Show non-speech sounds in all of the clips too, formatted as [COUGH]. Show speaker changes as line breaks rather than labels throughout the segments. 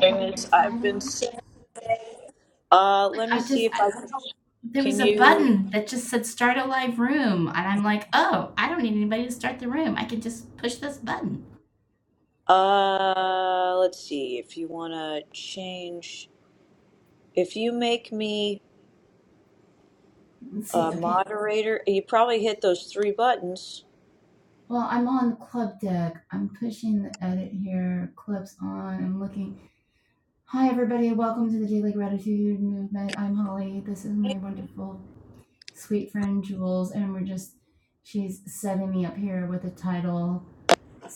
James, I've been sent. Uh, let me see if I can you. Uh, let's see if you want to change. If you make me a moderator, you probably hit those three buttons.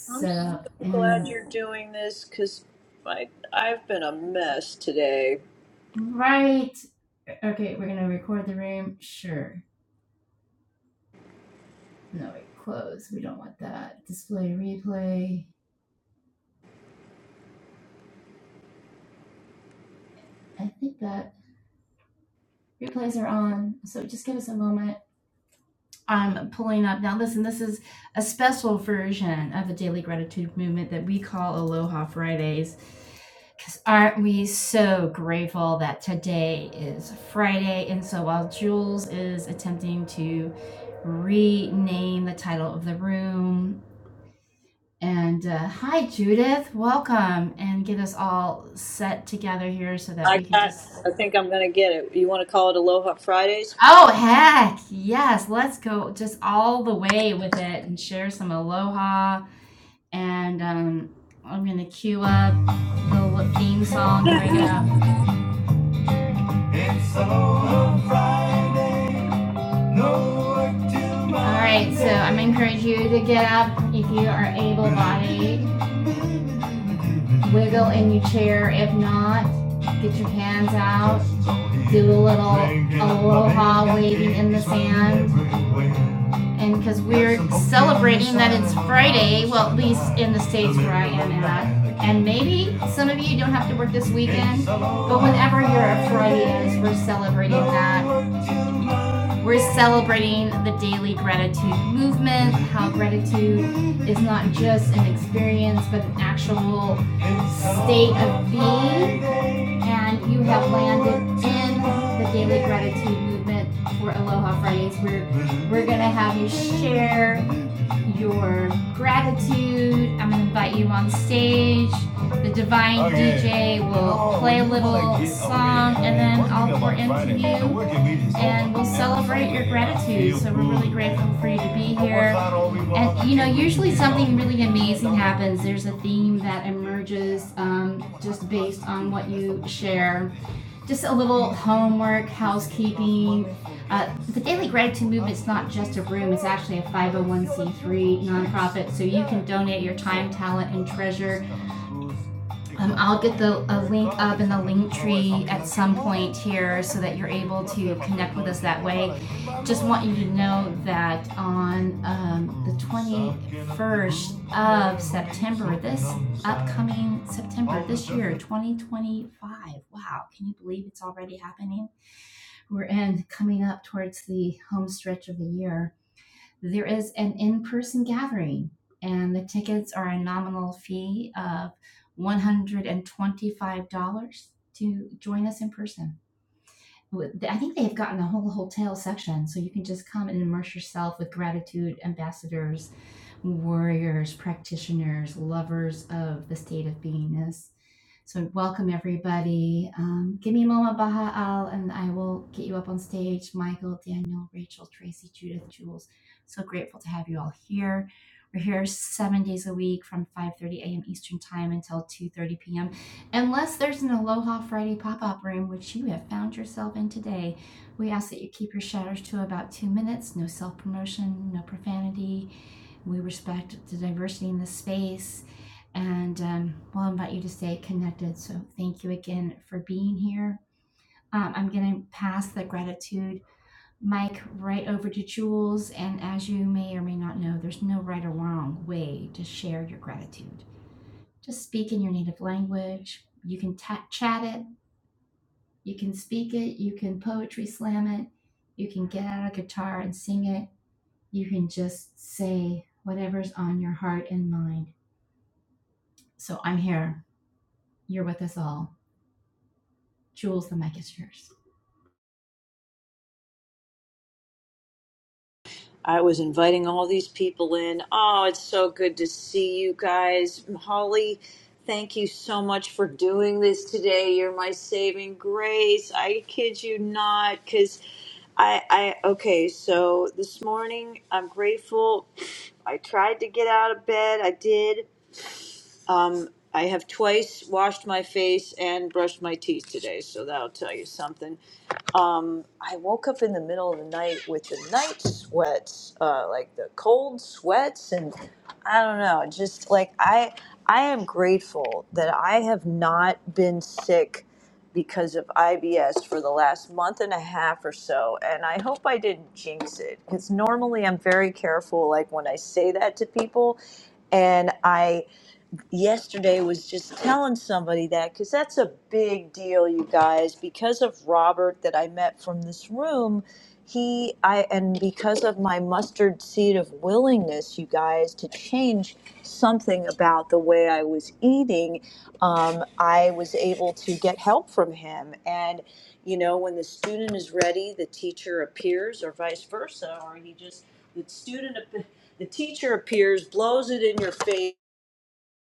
I'm so glad you're doing this because I I've been a mess today. I got. I think I'm gonna get it. You want to call it Aloha Fridays?
It's Aloha Friday. No work till Monday. It's all here everywhere. Aloha work till Monday. Every day. Working week is not all we want.
I was inviting all these people in. Oh, it's so good to see you guys. Holly, thank you so much for doing this today. You're my saving grace. I kid you not, because I, I, okay, so this morning I'm grateful. I tried to get out of bed. I did. Um, I have twice washed my face and brushed my teeth today, so that'll tell you something um, I woke up in the middle of the night with the night sweats, uh, like the cold sweats, and I don't know, just like I, I am grateful that I have not been sick because of IBS for the last month and a half or so, and I hope I didn't jinx it because normally I'm very careful, like when I say that to people, and I yesterday was just telling somebody that because that's a big deal, you guys. Because of Robert that I met from this room, he I and because of my mustard seed of willingness, you guys, to change something about the way I was eating, um, I was able to get help from him. And you know, when the student is ready, the teacher appears, or vice versa, or he just the student. ap- the teacher appears, blows it in your face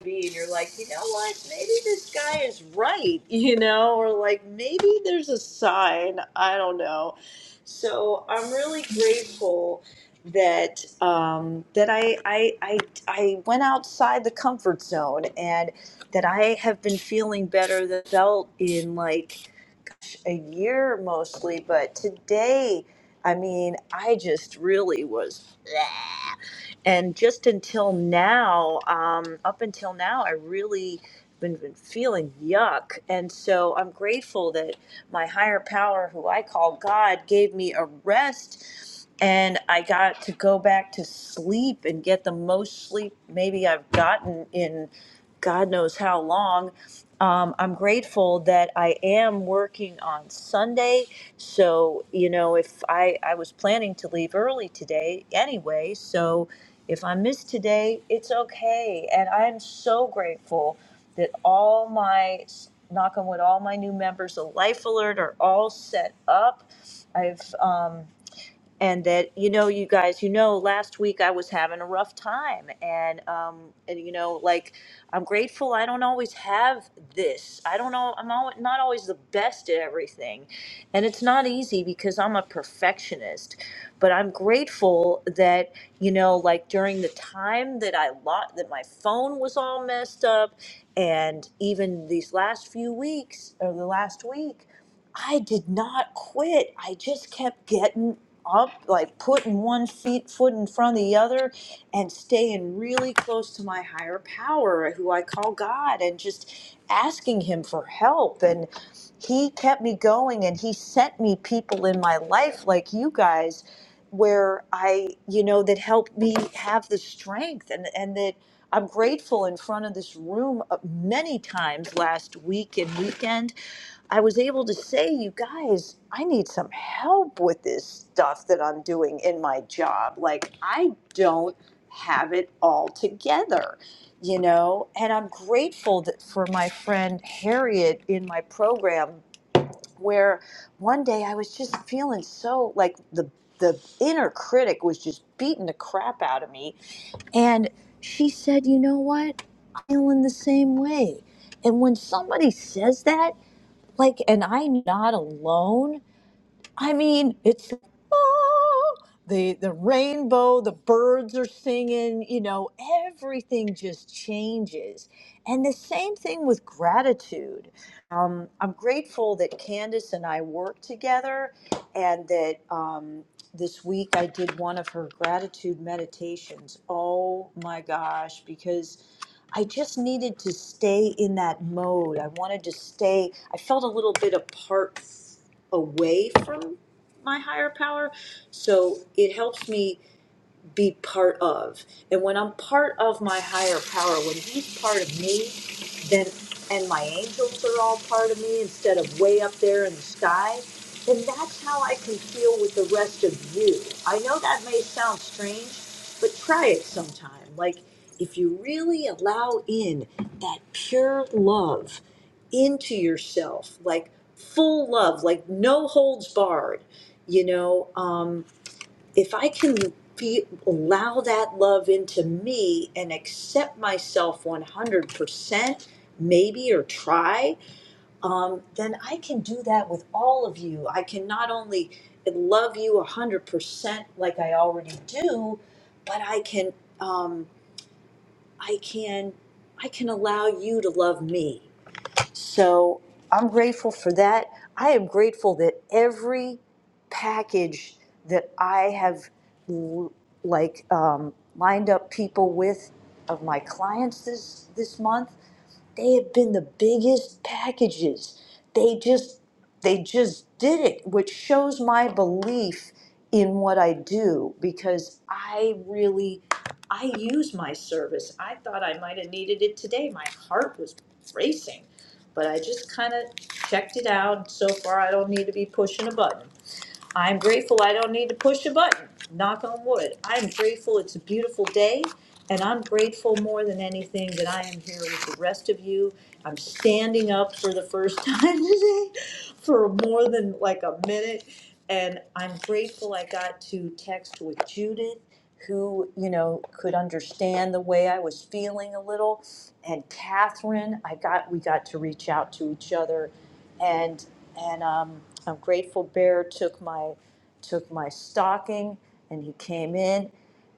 be and you're like, you know what, maybe this guy is right, [LAUGHS] you know, or like maybe there's a sign. I don't know. So I'm really grateful that um, that I, I I I went outside the comfort zone and that I have been feeling better than I felt in like a year mostly, but today I mean, I just really was and just until now um, up until now i really been, been feeling yuck and so i'm grateful that my higher power who i call god gave me a rest and i got to go back to sleep and get the most sleep maybe i've gotten in God knows how long. Um, I'm grateful that I am working on Sunday. So, you know, if I, I was planning to leave early today anyway, so if I miss today, it's okay. And I'm so grateful that all my, knock on wood, all my new members of Life Alert are all set up. I've, um, and that you know you guys you know last week i was having a rough time and um and you know like i'm grateful i don't always have this i don't know i'm al not always the best at everything and it's not easy because i'm a perfectionist but i'm grateful that you know like during the time that i lot that my phone was all messed up and even these last few weeks or the last week I did not quit. I just kept getting up, like putting one feet foot in front of the other, and staying really close to my higher power, who I call God, and just asking Him for help. And He kept me going, and He sent me people in my life like you guys, where I, you know, that helped me have the strength, and and that I'm grateful in front of this room uh, many times last week and weekend I was able to say, you guys, I need some help with this stuff that I'm doing in my job. Like, I don't have it all together, you know? And I'm grateful that for my friend Harriet in my program, where one day I was just feeling so like the, the inner critic was just beating the crap out of me. And she said, you know what? I'm feeling the same way. And when somebody says that, like and i'm not alone i mean it's oh, the the rainbow the birds are singing you know everything just changes and the same thing with gratitude um, i'm grateful that candace and i work together and that um, this week i did one of her gratitude meditations oh my gosh because I just needed to stay in that mode. I wanted to stay, I felt a little bit apart away from my higher power. So it helps me be part of. And when I'm part of my higher power, when he's part of me, then and my angels are all part of me instead of way up there in the sky, then that's how I can feel with the rest of you. I know that may sound strange, but try it sometime. Like if you really allow in that pure love into yourself, like full love, like no holds barred, you know. Um, if I can be, allow that love into me and accept myself 100%, maybe, or try, um, then I can do that with all of you. I can not only love you 100% like I already do, but I can, um, I can, I can allow you to love me. So I'm grateful for that. I am grateful that every package that I have l- like um, lined up people with of my clients this this month, they have been the biggest packages. They just they just did it, which shows my belief in what I do because I really I use my service. I thought I might have needed it today. My heart was racing. But I just kinda checked it out, so far I don't need to be pushing a button. I'm grateful I don't need to push a button. Knock on wood. I'm grateful it's a beautiful day, and I'm grateful more than anything that I am here with the rest of you. I'm standing up for the first [LAUGHS] time today for more than like a minute, and I'm grateful I got to text with Judith. Who, you know, could understand the way I was feeling a little. And Catherine, I got, we got to reach out to each other and and um, I'm grateful. Bear took my took my stocking, and he came in,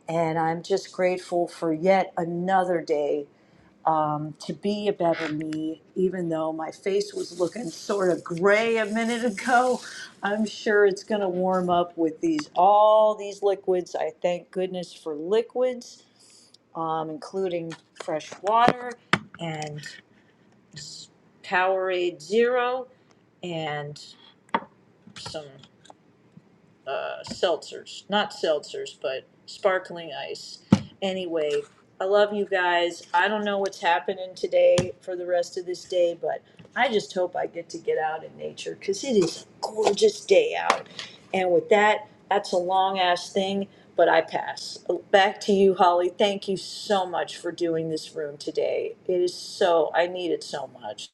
and I'm just grateful for yet another day um, to be a better me. Even though my face was looking sort of gray a minute ago, I'm sure it's going to warm up with these all these liquids. I thank goodness for liquids, um, including fresh water and Powerade Zero and some uh, seltzers, not seltzers, but sparkling ice. Anyway, I love you guys. I don't know what's happening today for the rest of this day, but I just hope I get to get out in nature because it is a gorgeous day out. And with that, that's a long ass thing, but I pass. Uh, Back to you, Holly. Thank you so much for doing this room today. It is so, I need it so much.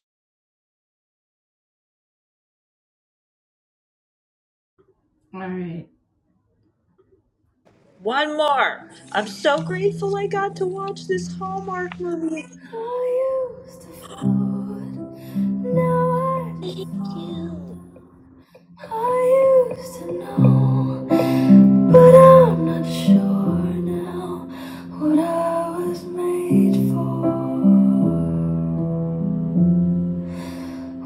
One more. I'm so grateful I got to watch this Hallmark movie.
I used to float. Now I just
Thank you.
fall. I used to know, but I'm not sure now what I was made for.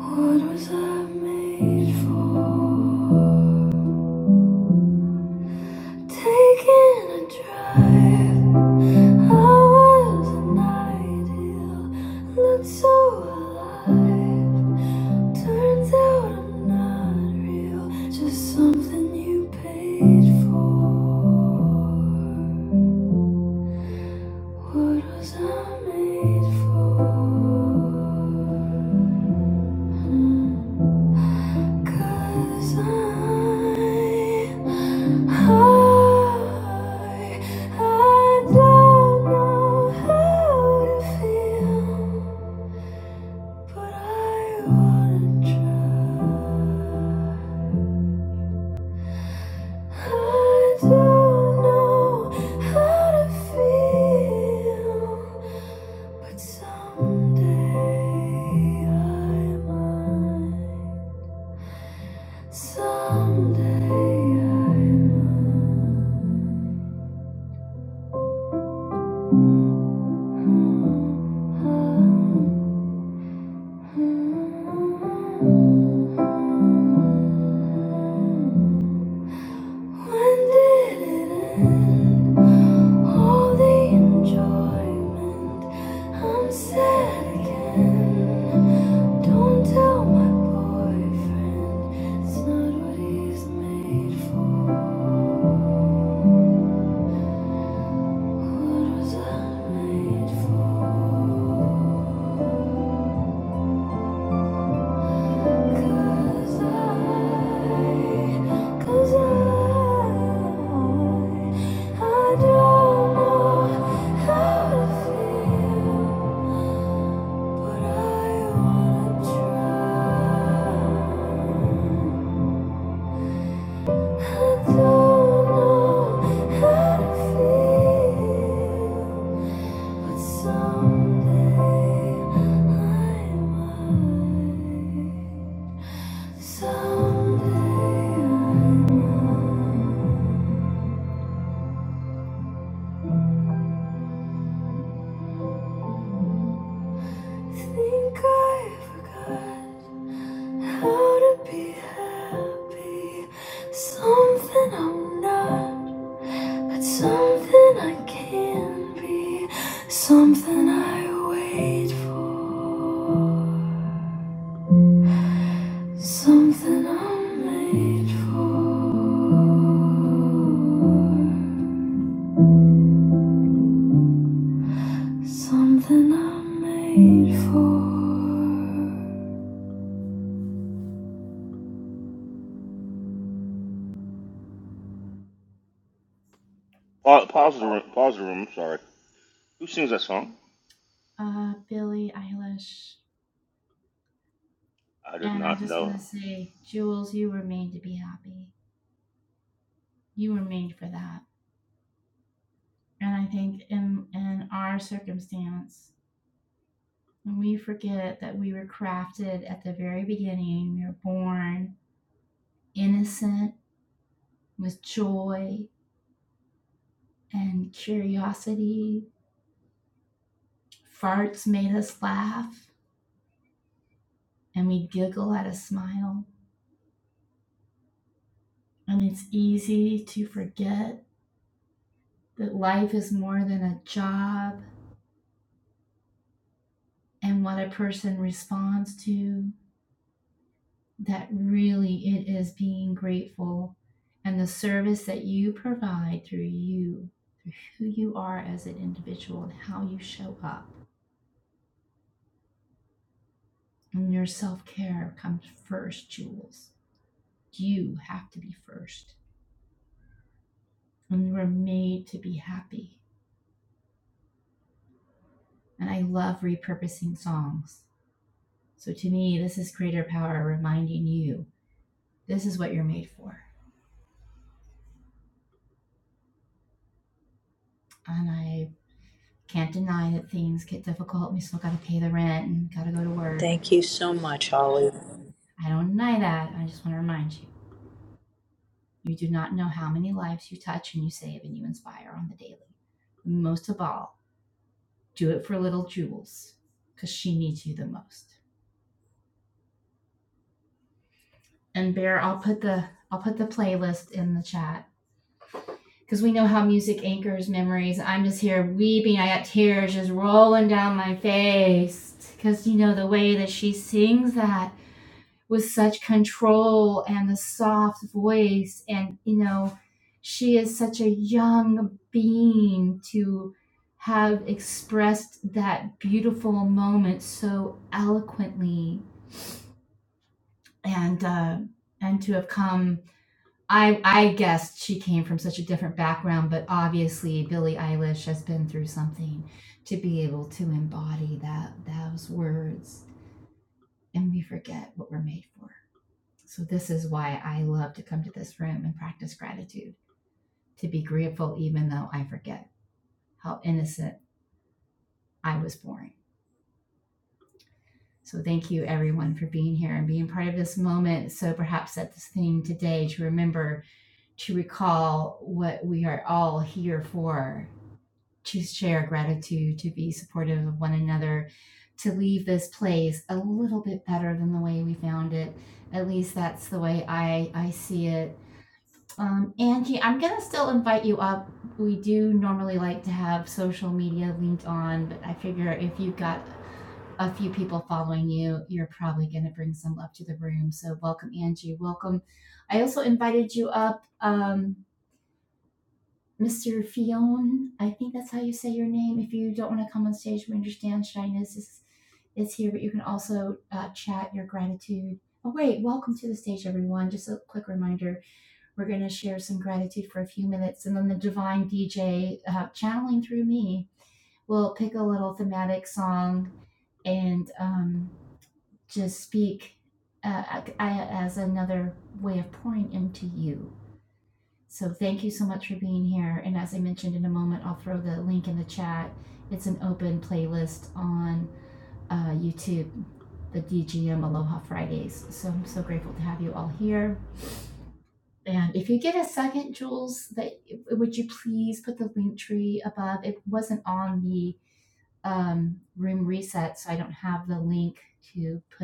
What was I made for? Taking a drive, I was an ideal, looked so alive. Turns out I'm not real, just something you paid for. What was I made for? Hmm. 'Cause I, I, I don't know how to feel, but I wanna try. I don't know how to feel, but someday I might. Someday I must. When did it end? All the enjoyment. I'm sad again. Don't tell my boyfriend. It's not what he's made for. I don't know how to feel Think I forgot how to be happy. Something I'm not, but something I can be. Something I wait for. Something I'm made for. Something I'm made for.
Pa- Pause the room. Pause the room. Sorry. Who sings that song? I did not know.
Thank you so much, Holly.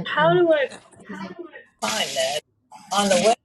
How do I find that on the web?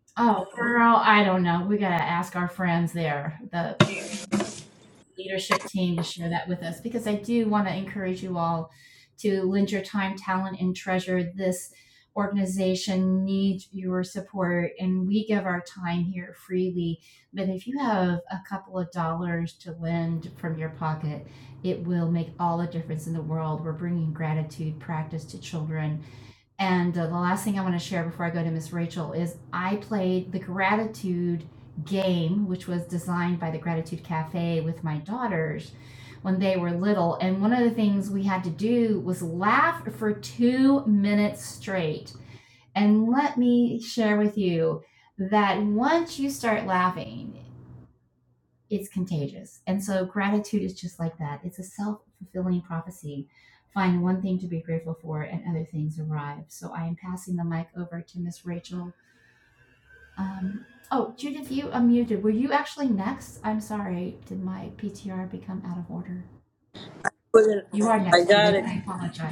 with an- I got it.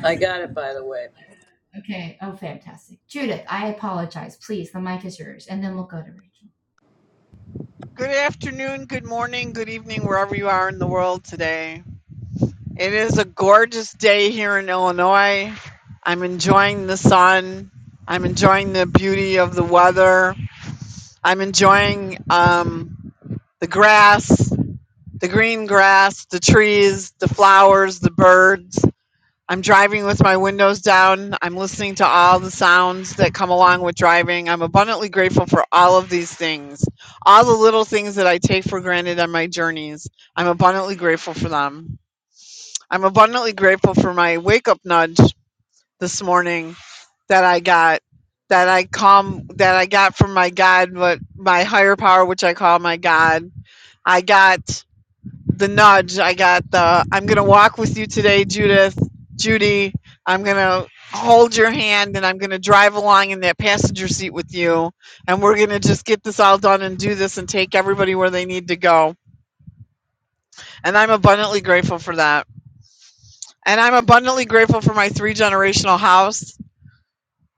I got it. By the way,
Good afternoon, good morning, good evening, wherever you are in the world today. It is a gorgeous day here in Illinois. I'm enjoying the sun. I'm enjoying the beauty of the weather. I'm enjoying um, the grass, the green grass, the trees, the flowers, the birds. I'm driving with my windows down. I'm listening to all the sounds that come along with driving. I'm abundantly grateful for all of these things, all the little things that I take for granted on my journeys. I'm abundantly grateful for them. I'm abundantly grateful for my wake up nudge this morning that I got, that I calm, that I got from my God, but my higher power, which I call my God. I got the nudge. I got the I'm going to walk with you today, Judith, Judy. I'm going to hold your hand and I'm going to drive along in that passenger seat with you. And we're going to just get this all done and do this and take everybody where they need to go. And I'm abundantly grateful for that. And I'm abundantly grateful for my three generational house.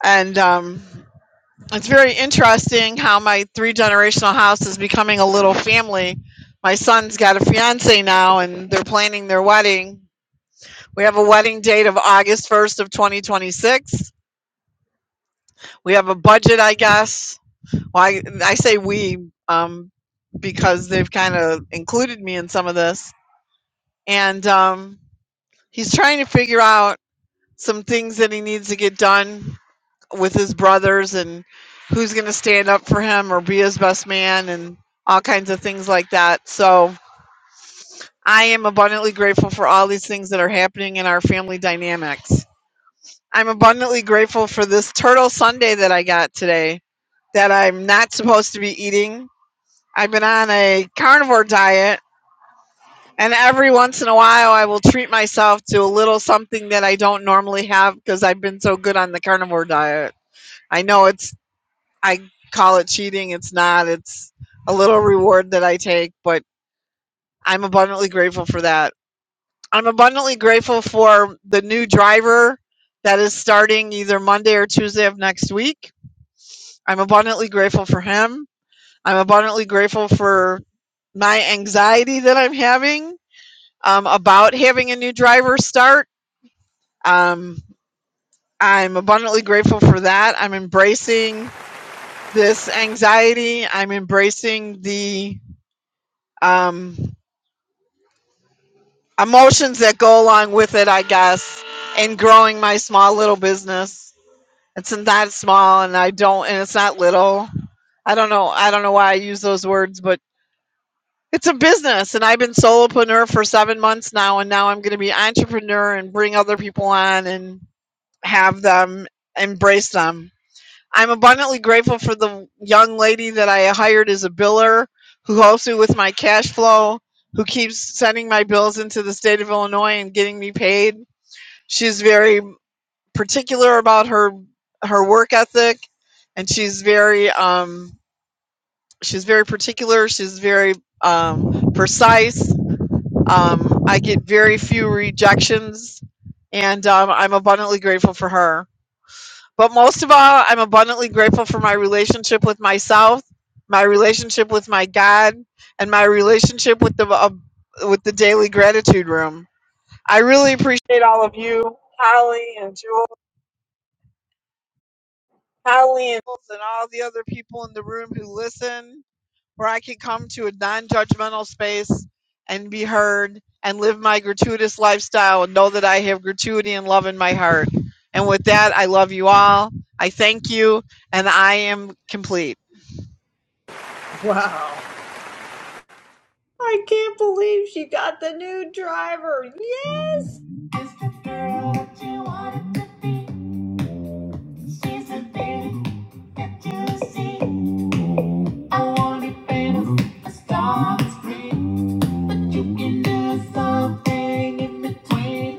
And, um, it's very interesting how my three generational house is becoming a little family. My son's got a fiance now, and they're planning their wedding We have a wedding date of August 1st of 2026. We have a budget, I guess. Well, I, I say we um, because they've kind of included me in some of this. And um, he's trying to figure out some things that he needs to get done with his brothers and who's going to stand up for him or be his best man and all kinds of things like that. So I am abundantly grateful for all these things that are happening in our family dynamics. I'm abundantly grateful for this turtle Sunday that I got today that I'm not supposed to be eating. I've been on a carnivore diet, and every once in a while I will treat myself to a little something that I don't normally have because I've been so good on the carnivore diet. I know it's, I call it cheating. It's not, it's a little reward that I take, but I'm abundantly grateful for that. I'm abundantly grateful for the new driver that is starting either Monday or Tuesday of next week I'm abundantly grateful for him. I'm abundantly grateful for my anxiety that I'm having um, about having a new driver start. Um, I'm abundantly grateful for that. I'm embracing this anxiety. I'm embracing the um, emotions that go along with it, I guess, and growing my small little business. It's not small, and I don't, and it's not little. I don't know. I don't know why I use those words, but It's a business, and I've been solopreneur for seven months now, and now I'm going to be entrepreneur and bring other people on and have them embrace them. I'm abundantly grateful for the young lady that I hired as a biller who helps me with my cash flow, who keeps sending my bills into the state of Illinois and getting me paid. She's very particular about her her work ethic, and she's very um, she's very particular. She's very um, precise um, I get very few rejections, and um, I'm abundantly grateful for her. But most of all, I'm abundantly grateful for my relationship with myself, my relationship with my God, and my relationship with the uh, with the daily gratitude room. I really appreciate all of you, Holly and Jules, Holly and Jules, and all the other people in the room who listen where I can come to a non judgmental space and be heard and live my gratuitous lifestyle and know that I have gratuity and love in my heart. And with that, I love you all. I thank you, and I am complete.
wow! I can't believe she got the new driver. Yes.
I wanna be famous, a star, a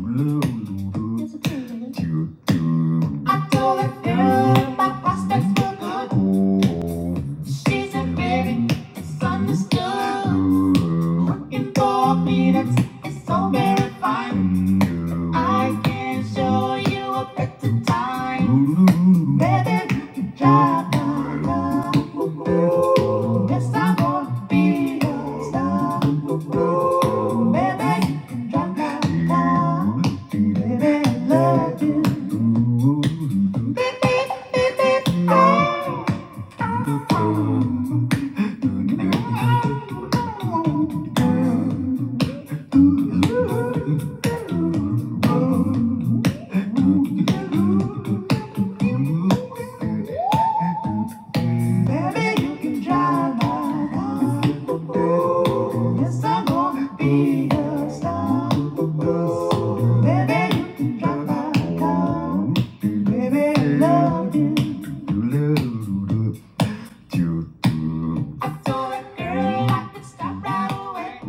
dream. I told a girl my prospects were good. She's a very misunderstood. Working for peanuts is so very fine. I can show you a better time. Baby, drive my car. Yes, I wanna be a star. Baby, drive my car. Baby, I love you. Baby, you can drive my car. Yes, I'm gonna be a star. Baby, you can drive my car. Baby, I love you. I told that girl I could stop right away.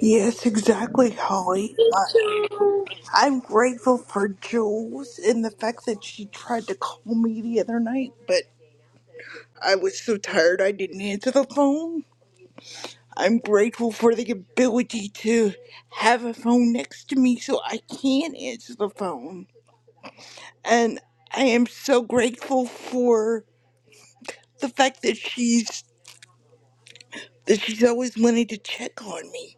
Yes, exactly, Holly. Uh, I'm grateful for Jules and the fact that she tried to call me the other night, but I was so tired I didn't answer the phone. I'm grateful for the ability to have a phone next to me so I can answer the phone. And I am so grateful for the fact that she's that she's always wanted to check on me.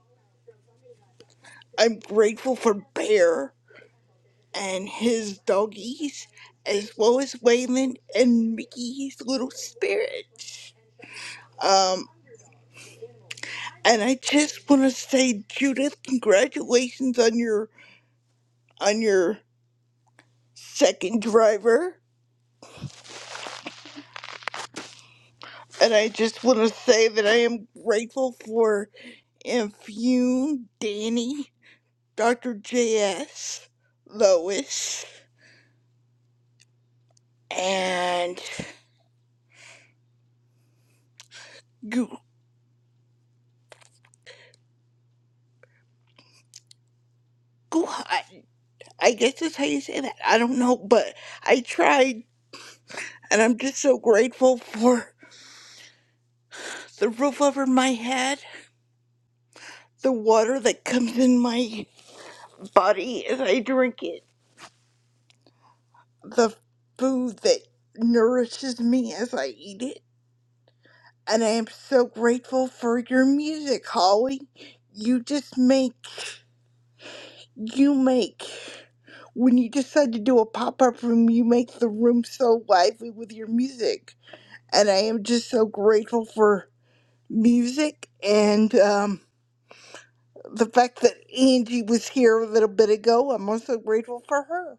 I'm grateful for Bear. and his doggies, as well as Waylon and Mickey's little spirits. Um, and I just want to say, Judith, congratulations on your on your second driver. And I just want to say that I am grateful for Infune, Danny, Dr. J.S., Lois, and Gu- Guhan. I guess that's how you say that. I don't know, but I tried And I'm just so grateful for the roof over my head, the water that comes in my body as I drink it, the food that nourishes me as I eat it. And I am so grateful for your music, Holly. You just make, you make. When you decide to do a pop up room, you make the room so lively with your music. And I am just so grateful for music and, um, the fact that Angie was here a little bit ago. I'm also grateful for her.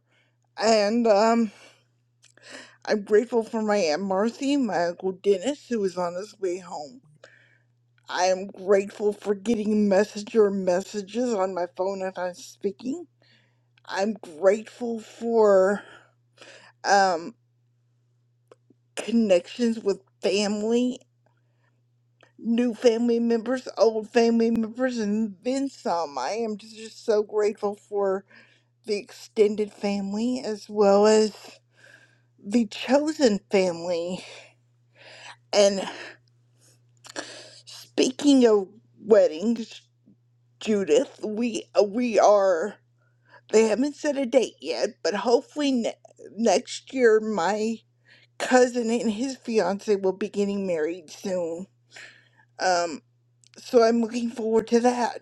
And um, I'm grateful for my Aunt Marcy, my Uncle Dennis, who is on his way home. I am grateful for getting messenger messages on my phone as I'm speaking. I'm grateful for um, connections with family, new family members, old family members, and then some. I am just so grateful for the extended family as well as the chosen family and speaking of weddings judith we uh, we are they haven't set a date yet but hopefully ne- next year my cousin and his fiance will be getting married soon um so i'm looking forward to that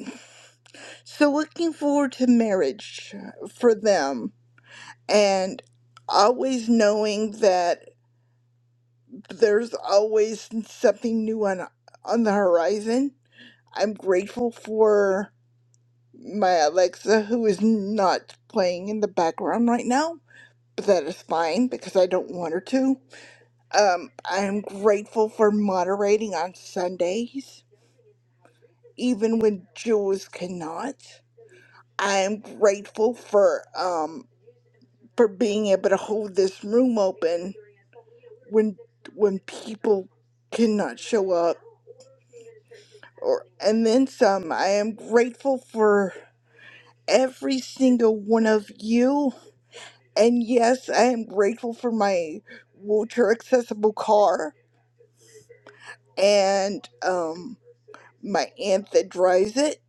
so looking forward to marriage for them and always knowing that there's always something new on on the horizon I'm grateful for my Alexa, who is not playing in the background right now, but that is fine because I don't want her to. Um, I'm grateful for moderating on Sundays, even when Jules cannot. I'm grateful for um for being able to hold this room open when when people cannot show up or and then some. I am grateful for every single one of you And yes, I am grateful for my wheelchair accessible car and um, my aunt that drives it,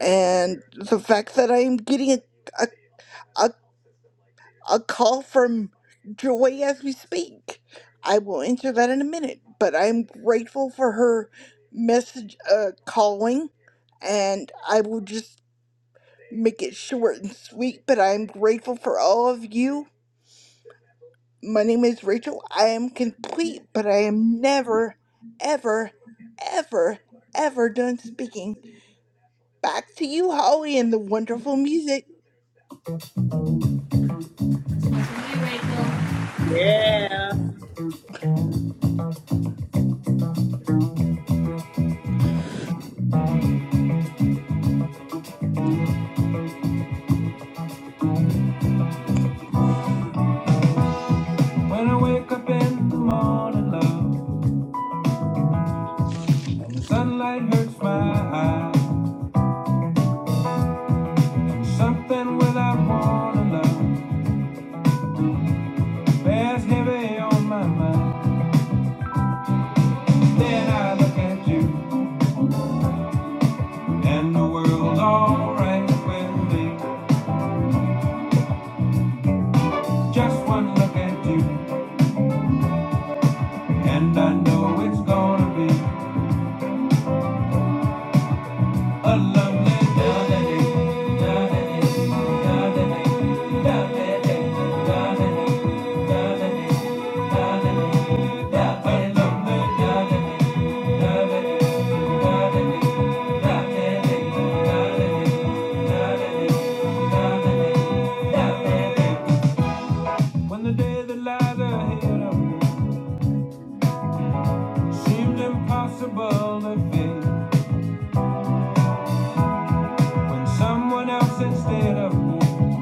and the fact that I am getting a, a, a, a call from Joy as we speak. I will answer that in a minute, but I am grateful for her message uh, calling, and I will just make it short and sweet. But I am grateful for all of you My name is Rachel. I am complete, but I am never, ever, ever, ever done speaking. Back to you, Holly, and the wonderful music.
Yeah.
When I wake up in the morning, love, and the sunlight hurts my eyes, something without warning, love, bears heavy on my mind. Then I look at you, and the world's alright with me. Just one look at you, and I know it's gonna be a lovely day. When the day that lies ahead of me seems impossible to face, when someone else instead of me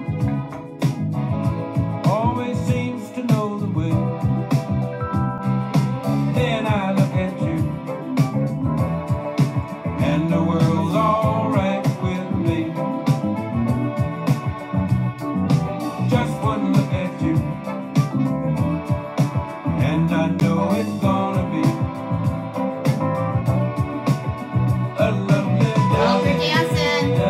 always seems to know the way, then I look at you, and the world's alright with me. Just one look at you. And I know it's gonna be a lovely day.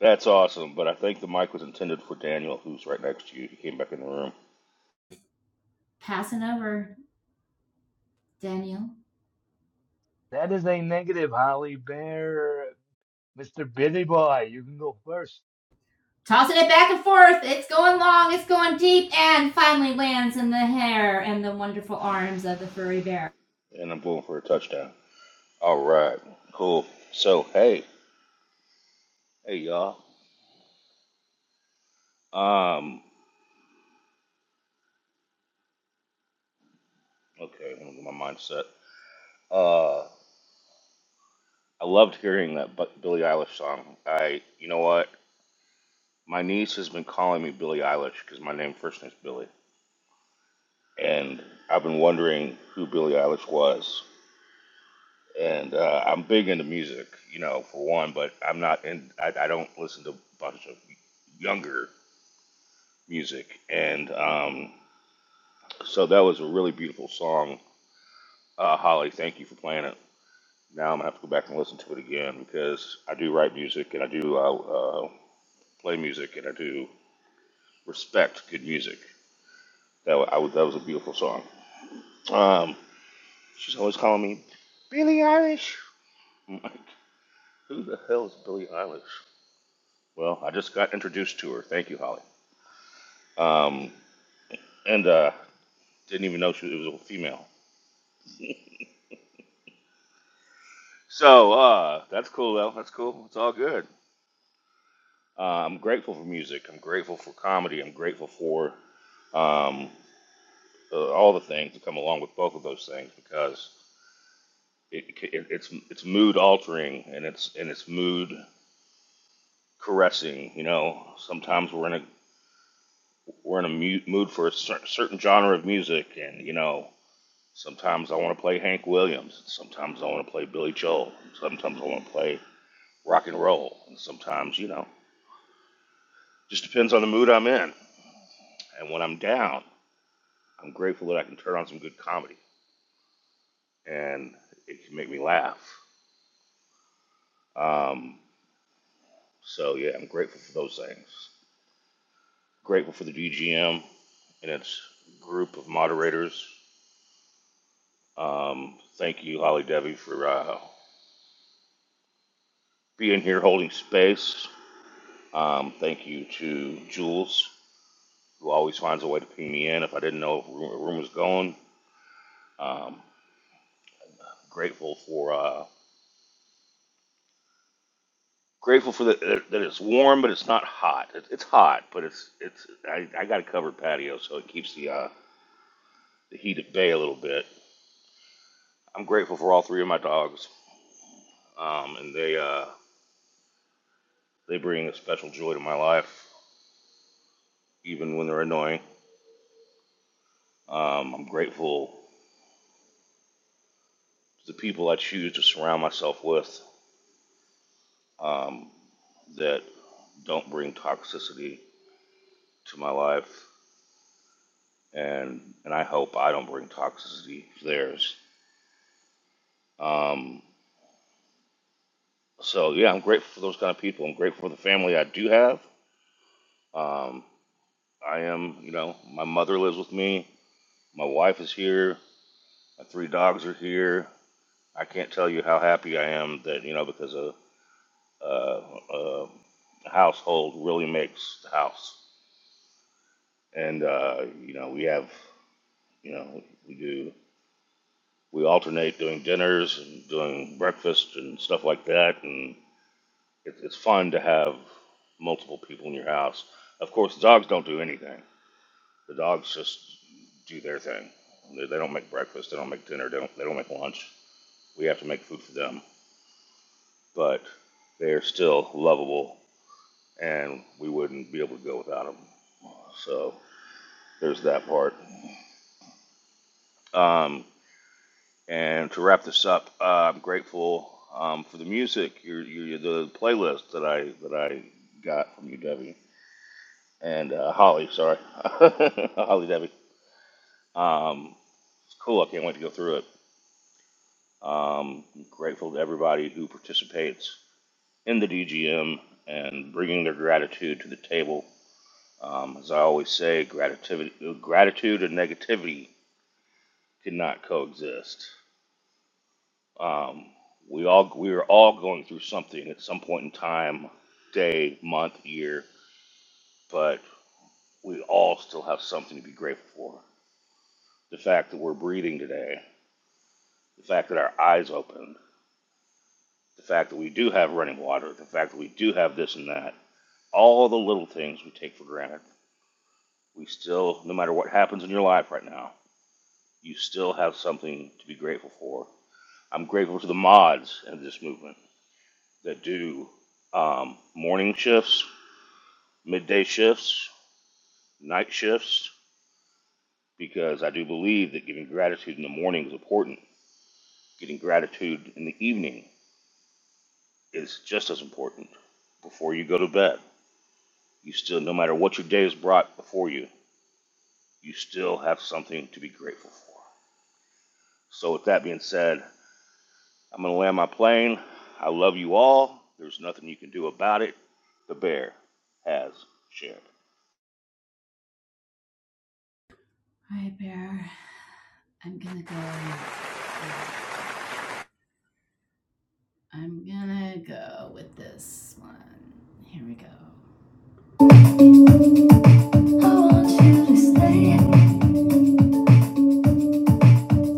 That's awesome. But I think the mic was intended for Daniel, who's right next to you. He came back in the room,
That is a negative, Holly Bear. Mr. Bitty Boy, you can go first.
and I'm going for a touchdown. All right. Cool. So hey, hey y'all. Um. Okay. I'm gonna get my mindset. Uh. I loved hearing that Bu- Billie Eilish song. I. You know what? My niece has been calling me Billie Eilish because my name first name's Billie, and I've been wondering who Billie Eilish was and uh, I'm big into music, you know, for one. But I'm not, and I, I don't listen to a bunch of younger music. And um, so that was a really beautiful song, uh, Holly. Thank you for playing it. Now I'm gonna have to go back and listen to it again because I do write music and I do uh, uh, play music and I do respect good music. That wa- I was, that was a beautiful song. Um, she's always calling me Billie Eilish. I'm like, who the hell is Billie Eilish? Well, I just got introduced to her. Thank you, Holly. Um, and uh, didn't even know she it was a female. So uh, that's cool, though. That's cool. It's all good. Uh, I'm grateful for music. I'm grateful for comedy. I'm grateful for um, uh, all the things that come along with both of those things because it, it, it's it's mood altering and it's and it's mood caressing. You know, sometimes we're in a we're in a mu- mood for a cer- certain genre of music, and you know, sometimes I want to play Hank Williams. Sometimes I want to play Billy Joel. Sometimes I want to play rock and roll. And sometimes, you know, just depends on the mood I'm in. And when I'm down, I'm grateful that I can turn on some good comedy and it can make me laugh. Um, so yeah, I'm grateful for those things. Grateful for the DGM and its group of moderators. Um, thank you, Holly Debbie, for uh, being here holding space. Um, thank you to Jules, who always finds a way to ping me in if I didn't know if a room was going. Um, grateful for. uh, Grateful for that that it's warm, but it's not hot. It, it's hot, but it's it's I, I got a covered patio, so it keeps the uh, the heat at bay a little bit. I'm grateful for all three of my dogs, um, and they uh, they bring a special joy to my life, even when they're annoying. Um, I'm grateful to the people I choose to surround myself with um, that don't bring toxicity to my life, and and I hope I don't bring toxicity to theirs. Um, So yeah, I'm grateful for those kind of people. I'm grateful for the family I do have. Um, I am, you know, my mother lives with me. My wife is here. My three dogs are here. I can't tell you how happy I am that you know because a, a, a household really makes the house. And uh, you know we have, you know, we do we alternate doing dinners and doing breakfast and stuff like that. And it, it's fun to have multiple people in your house. Of course, dogs don't do anything The dogs just do their thing. They, they don't make breakfast. They don't make dinner. They don't. They don't make lunch. We have to make food for them. But they are still lovable, and we wouldn't be able to go without them. So there's that part. Um, and to wrap this up, uh, I'm grateful um, for the music, your, your the playlist that I that I got from you, Debbie and uh, Holly. Sorry, [LAUGHS] Holly Debbie. Um, it's cool. I can't wait to go through it. Um, I'm grateful to everybody who participates in the DGM and bringing their gratitude to the table. Um, as I always say, gratitude, gratitude and negativity cannot coexist. Um, we all we are all going through something at some point in time, day, month, year, but we all still have something to be grateful for. The fact that we're breathing today, the fact that our eyes opened, the fact that we do have running water, the fact that we do have this and that all the little things we take for granted. We still, no matter what happens in your life right now, you still have something to be grateful for. I'm grateful to the mods in this movement that do um, morning shifts, midday shifts, night shifts, because I do believe that giving gratitude in the morning is important. Getting gratitude in the evening is just as important. Before you go to bed, you still, no matter what your day has brought before you, you still have something to be grateful for. So, with that being said, I'm going to land my plane. I love you all. There's nothing you can do about it. The bear has shared.
I want you to stay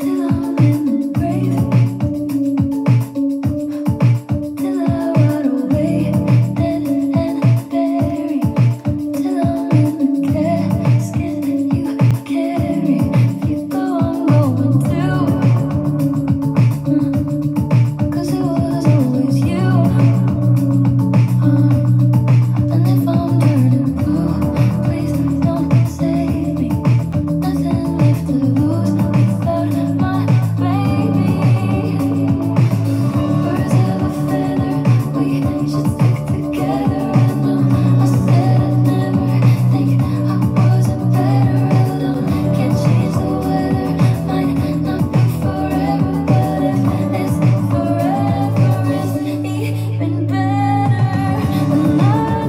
till I'm in the grave, till I run away, dead and buried. Nothing left to lose without my baby. Better, and I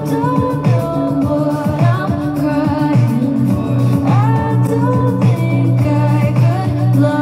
don't know what I'm crying. Till the day that I die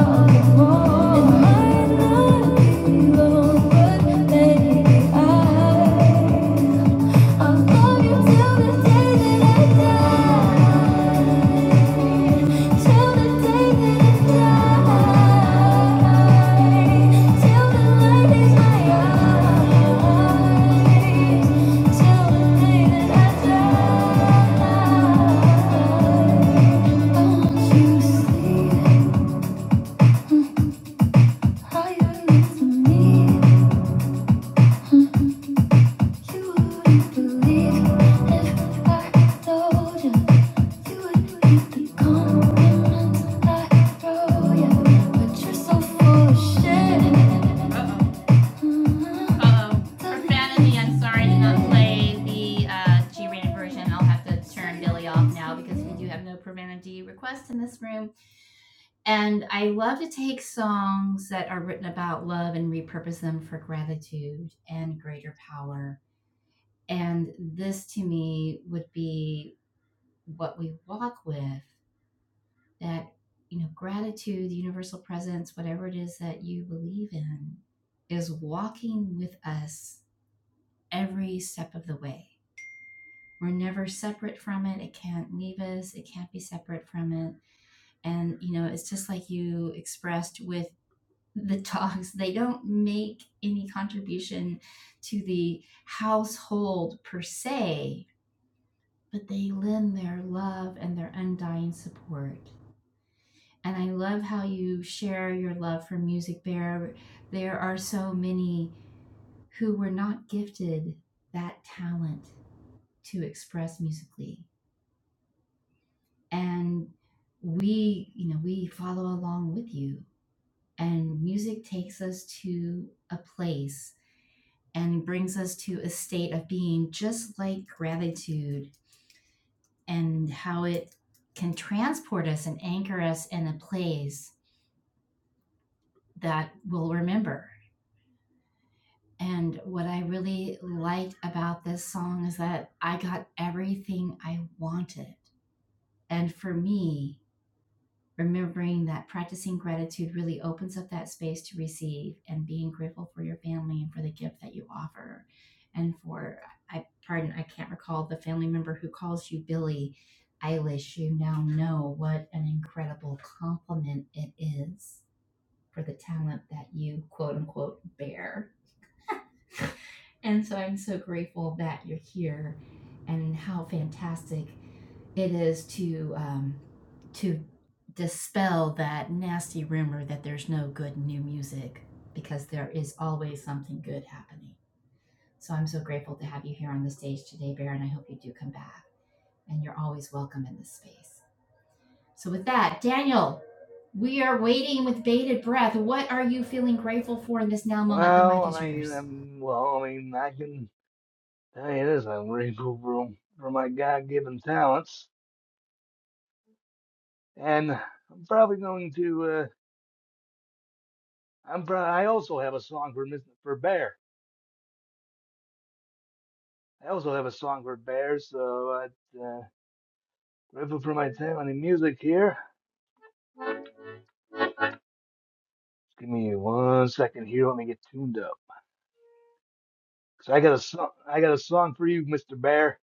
Well, I mean, um well, I mean, I can tell you this, I'm grateful for, for my God-given talents, and I'm probably going to, uh, I'm pro- I also have a song for Mr. for Bear. I also have a song for Bear, so I'm uh, grateful for my talent in music here. Give me one second here, let me get tuned up. So I got a song, I got a song for you, Mr. Bear.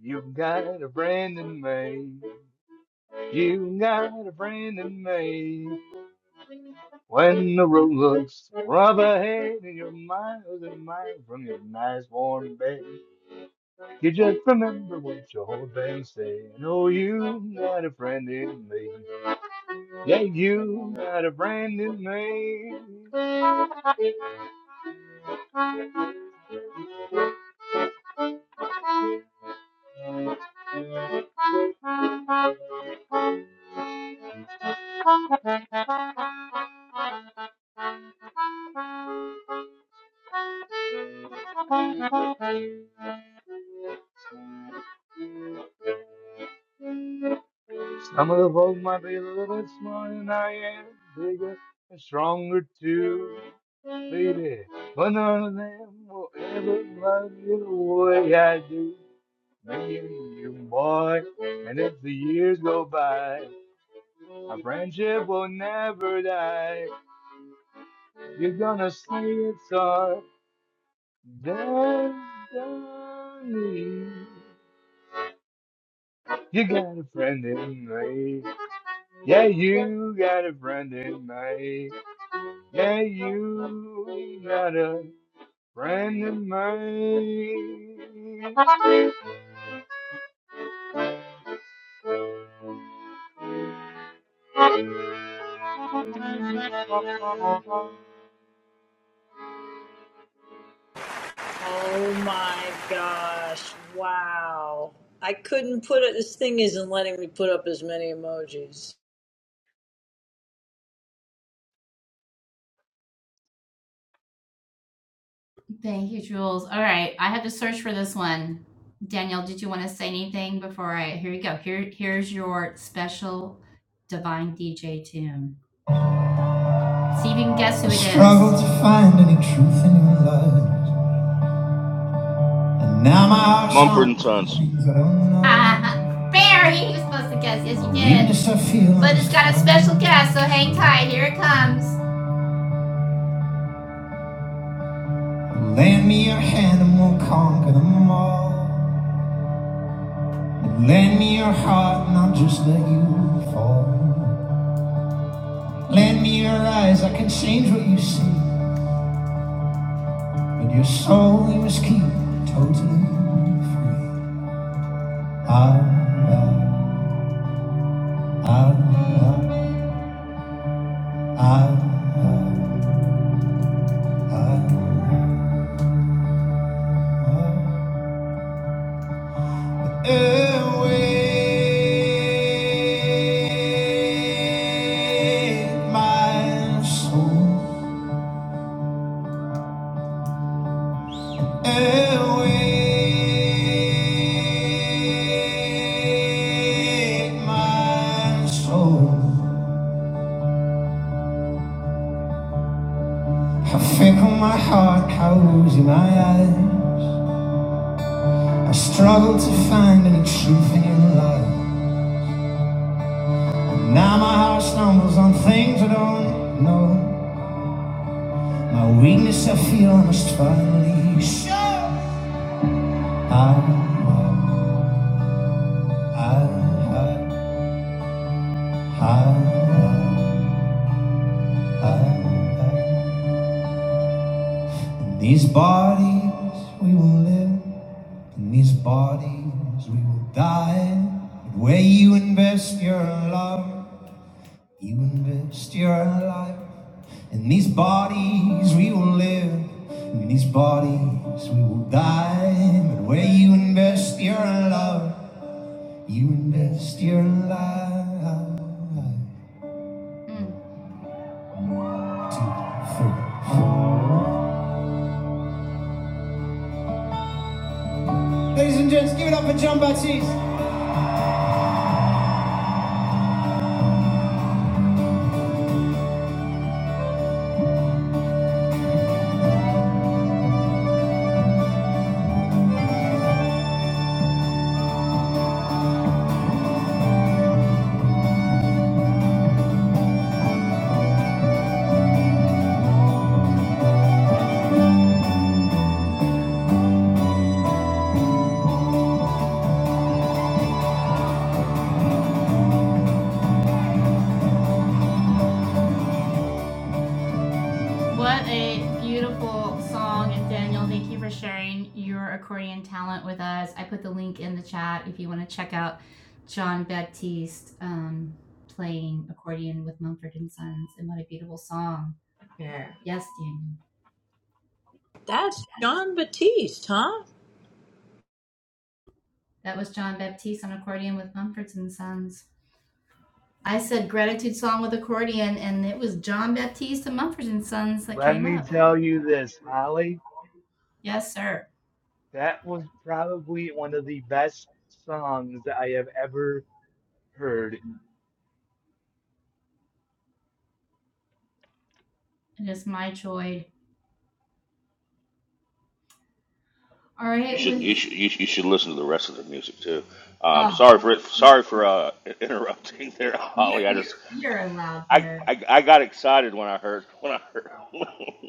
You've got a friend in me. You've got a friend in me. When the road looks rough ahead and you're miles and miles from your nice warm bed, you just remember what your old band said. Oh, you have got a friend in me. Yeah, you got a brand new name. Some of the folks might be a little bit smarter than I am, bigger and stronger too, baby. But none of them will ever love you the way I do, me and you, boy. And if the years go by, our friendship will never die. You're gonna see it's our destiny. You got a friend in me. Yeah, you got a friend in me. Yeah, you got a friend of mine.
Oh my gosh! Wow. I couldn't put it. This thing isn't letting me put up as many emojis.
Struggle to find any truth in your lies, and now my heart's
Mumford and
stomps on
Sons.
things I don't know. Ah, yes, you did. Even if I feel Lend me your hand and we'll conquer them all. Lend me your heart and I'll just let you fall. Lend me your eyes, I can change what you see. But your soul you must keep totally free. I I, I love, I I Awake my soul. With My soul. I finger my heart, how oozy my eyes. I struggle to find any truth in your life. I stumble on things I don't know. Just twice. I hide these bodies we will live, and these bodies we will die. But where you invest your love, you invest your life. In these bodies we will live, in these bodies we will die. But where you invest your love, you invest your life.
That's John Batiste, huh?
Let me tell you this, Holly. That was probably one of the best songs that I have ever heard.
You should you should you should, listen to the rest of the music too. Um, sorry for it. Sorry for uh, [LAUGHS] interrupting there, Holly. I just I, I I got excited when I heard when I heard [LAUGHS]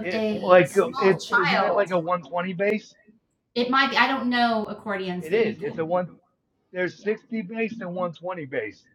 It like it isn't it like a 120 bass? It is. It's a one. There's 60 bass and 120 bass.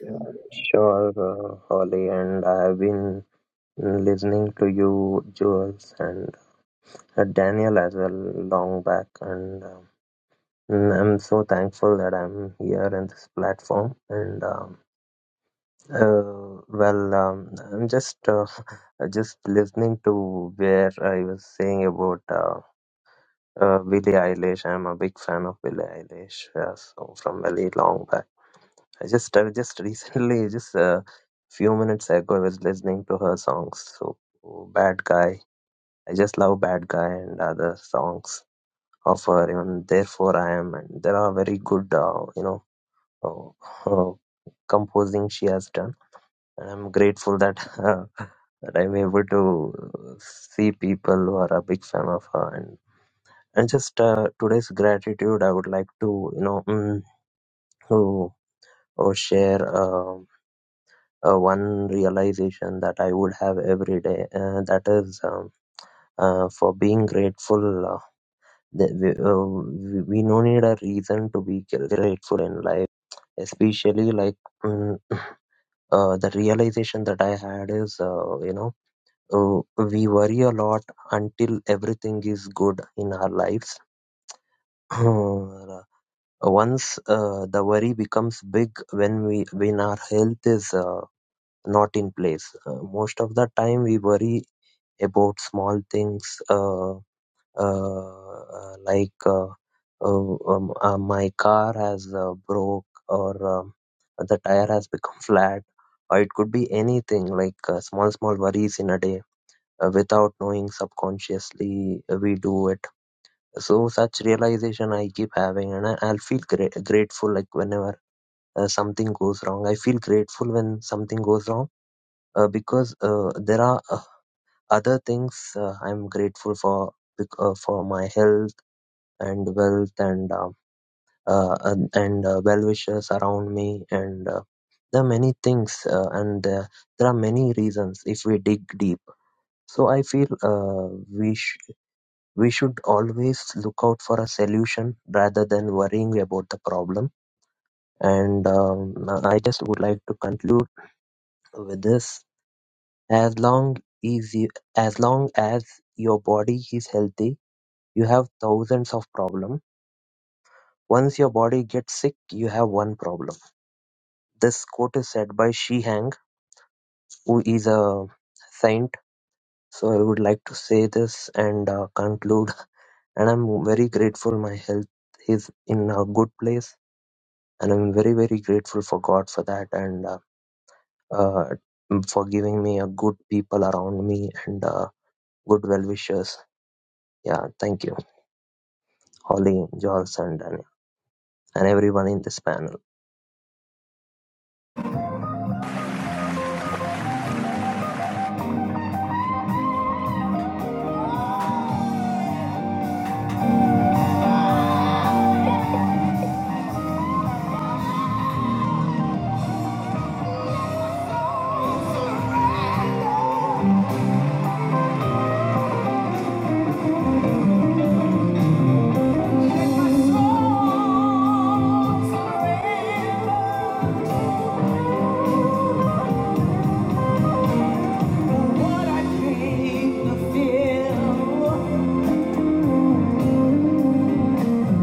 Yeah, Sure, uh, Holly, and I have been listening to you, Jules, and uh, Daniel as well, long back. And um, mm, I'm so thankful that I'm here in this platform. And um, uh, well, um, I'm just uh, [LAUGHS] just listening to where I was saying about uh, uh, Billie Eilish. I'm a big fan of Billie Eilish, uh, so from very long back. I just I just recently [LAUGHS] just a few minutes ago I was listening to her songs. So Bad Guy. I just love Bad Guy and other songs of her. Even Therefore I Am and there are very good uh, you know uh, [LAUGHS] uh, composing she has done. And I'm grateful that [LAUGHS] uh, that I'm able to uh, see people who are a big fan of her and and just uh, today's gratitude I would like to you know mm, to, uh, share. Um uh, one realization that I would have every day. Uh, that is um, uh, for being grateful. Uh, that we, uh, we we no need a reason to be grateful in life, especially like mm, [COUGHS] [CLEARS THROAT] uh, the realization that I had is, uh, you know, uh, we worry a lot until everything is good in our lives. [COUGHS] [CLEARS THROAT] Once uh, the worry becomes big when we when our health is uh, not in place. Uh, most of the time we worry about small things uh, uh, uh, like uh, uh, um, uh, my car has uh, broke or um, the tire has become [LAUGHS] flat or it could be anything like uh, small small worries in a day uh, without knowing subconsciously uh, we do it so such realization i keep having and I, i'll feel gra- grateful like whenever uh, something goes wrong i feel grateful when something goes wrong uh, because uh, there are other things uh, i'm grateful for bec- uh, for my health and wealth and uh, uh, and and, uh, well wishers around me and uh, there are many things uh, and uh, there are many reasons if we dig deep so i feel uh, we sh- we should always look out for a solution rather than worrying about the problem and um, i just would like to conclude with this as long as you, as long as your body is healthy you have thousands of problems. Once your body gets sick, you have one problem. This quote is said by Shi Hang, who is a saint. So I would like to say this and uh, conclude. [LAUGHS] And I'm very grateful my health is in a good place. And I'm very, very grateful for God for that and uh, uh, for giving me a good people around me and uh, good well wishers. Yeah, thank you, Holly, Johnson, and, and everyone in this panel.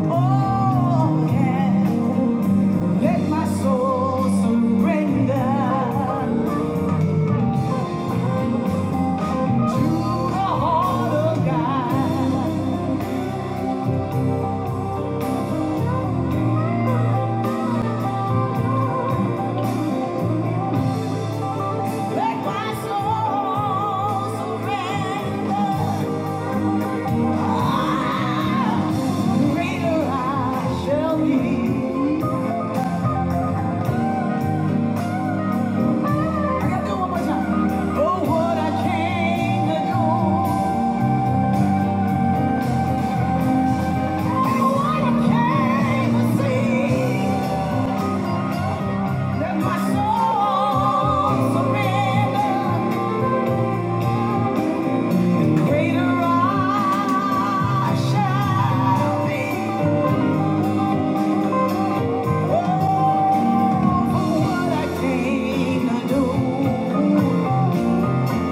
oh, yeah. Let my soul surrender to the heart of God. Thank you.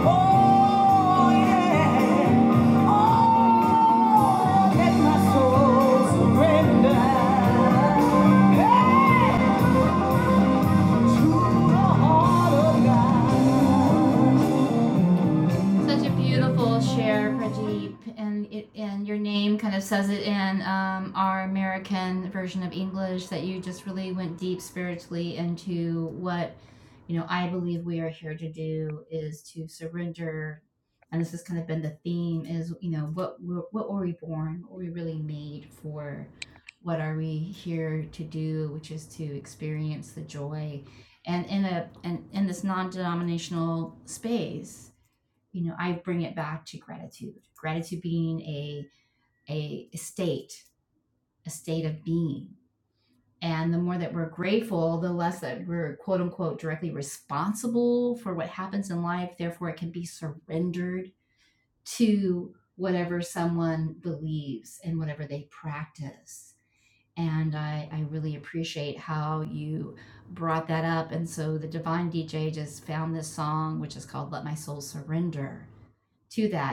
Everybody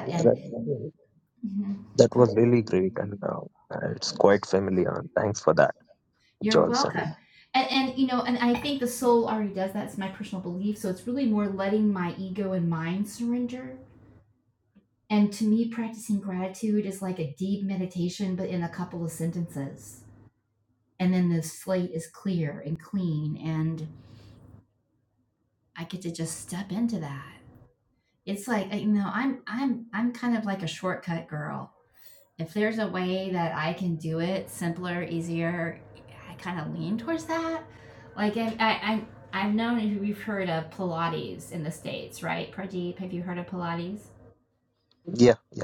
Yeah, that- yeah. That was really great, and uh, it's quite
say
familiar. Thanks for that, Johnson. Yeah, yeah.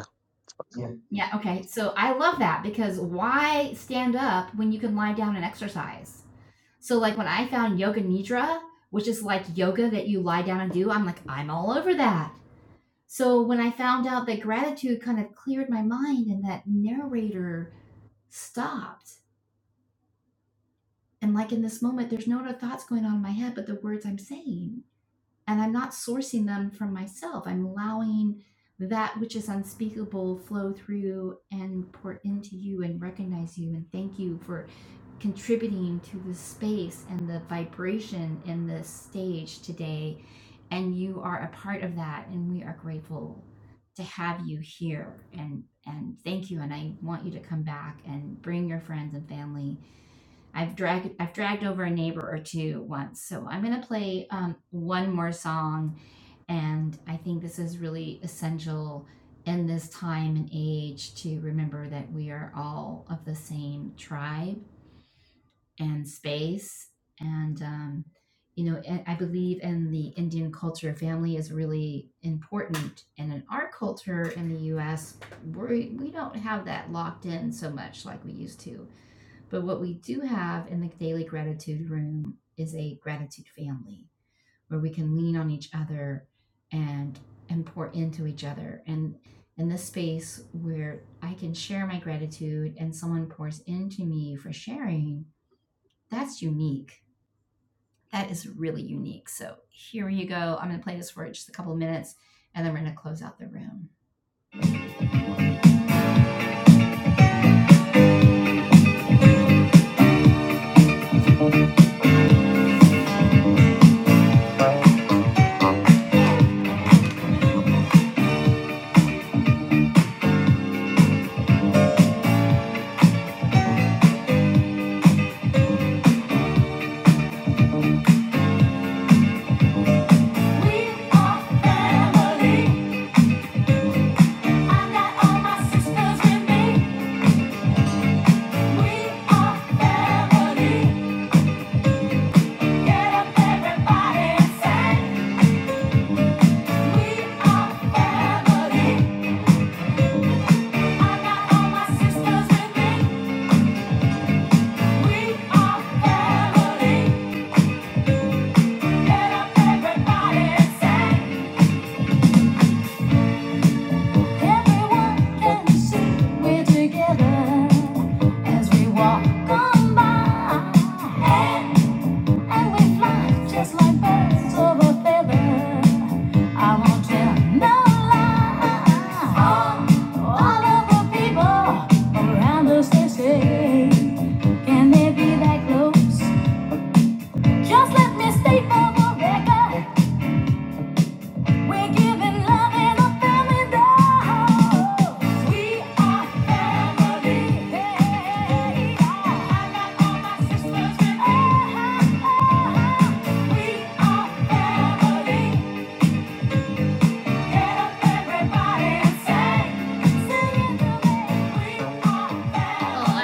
we are family. Just like birds of feather. I won't tell no lie. All, all of the people around us they say, can they be that close? Just let me stay for the record, we're giving love in a family dog. We are family. Hey, hey, hey. I got all my sisters with me. Uh-huh, uh-huh. We are family. Well,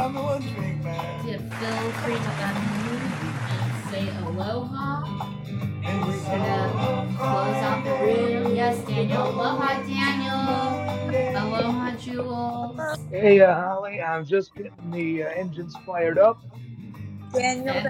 I'm the one drink man.
Hey, uh, Holly, I'm just getting the uh, engines fired up.
Daniel.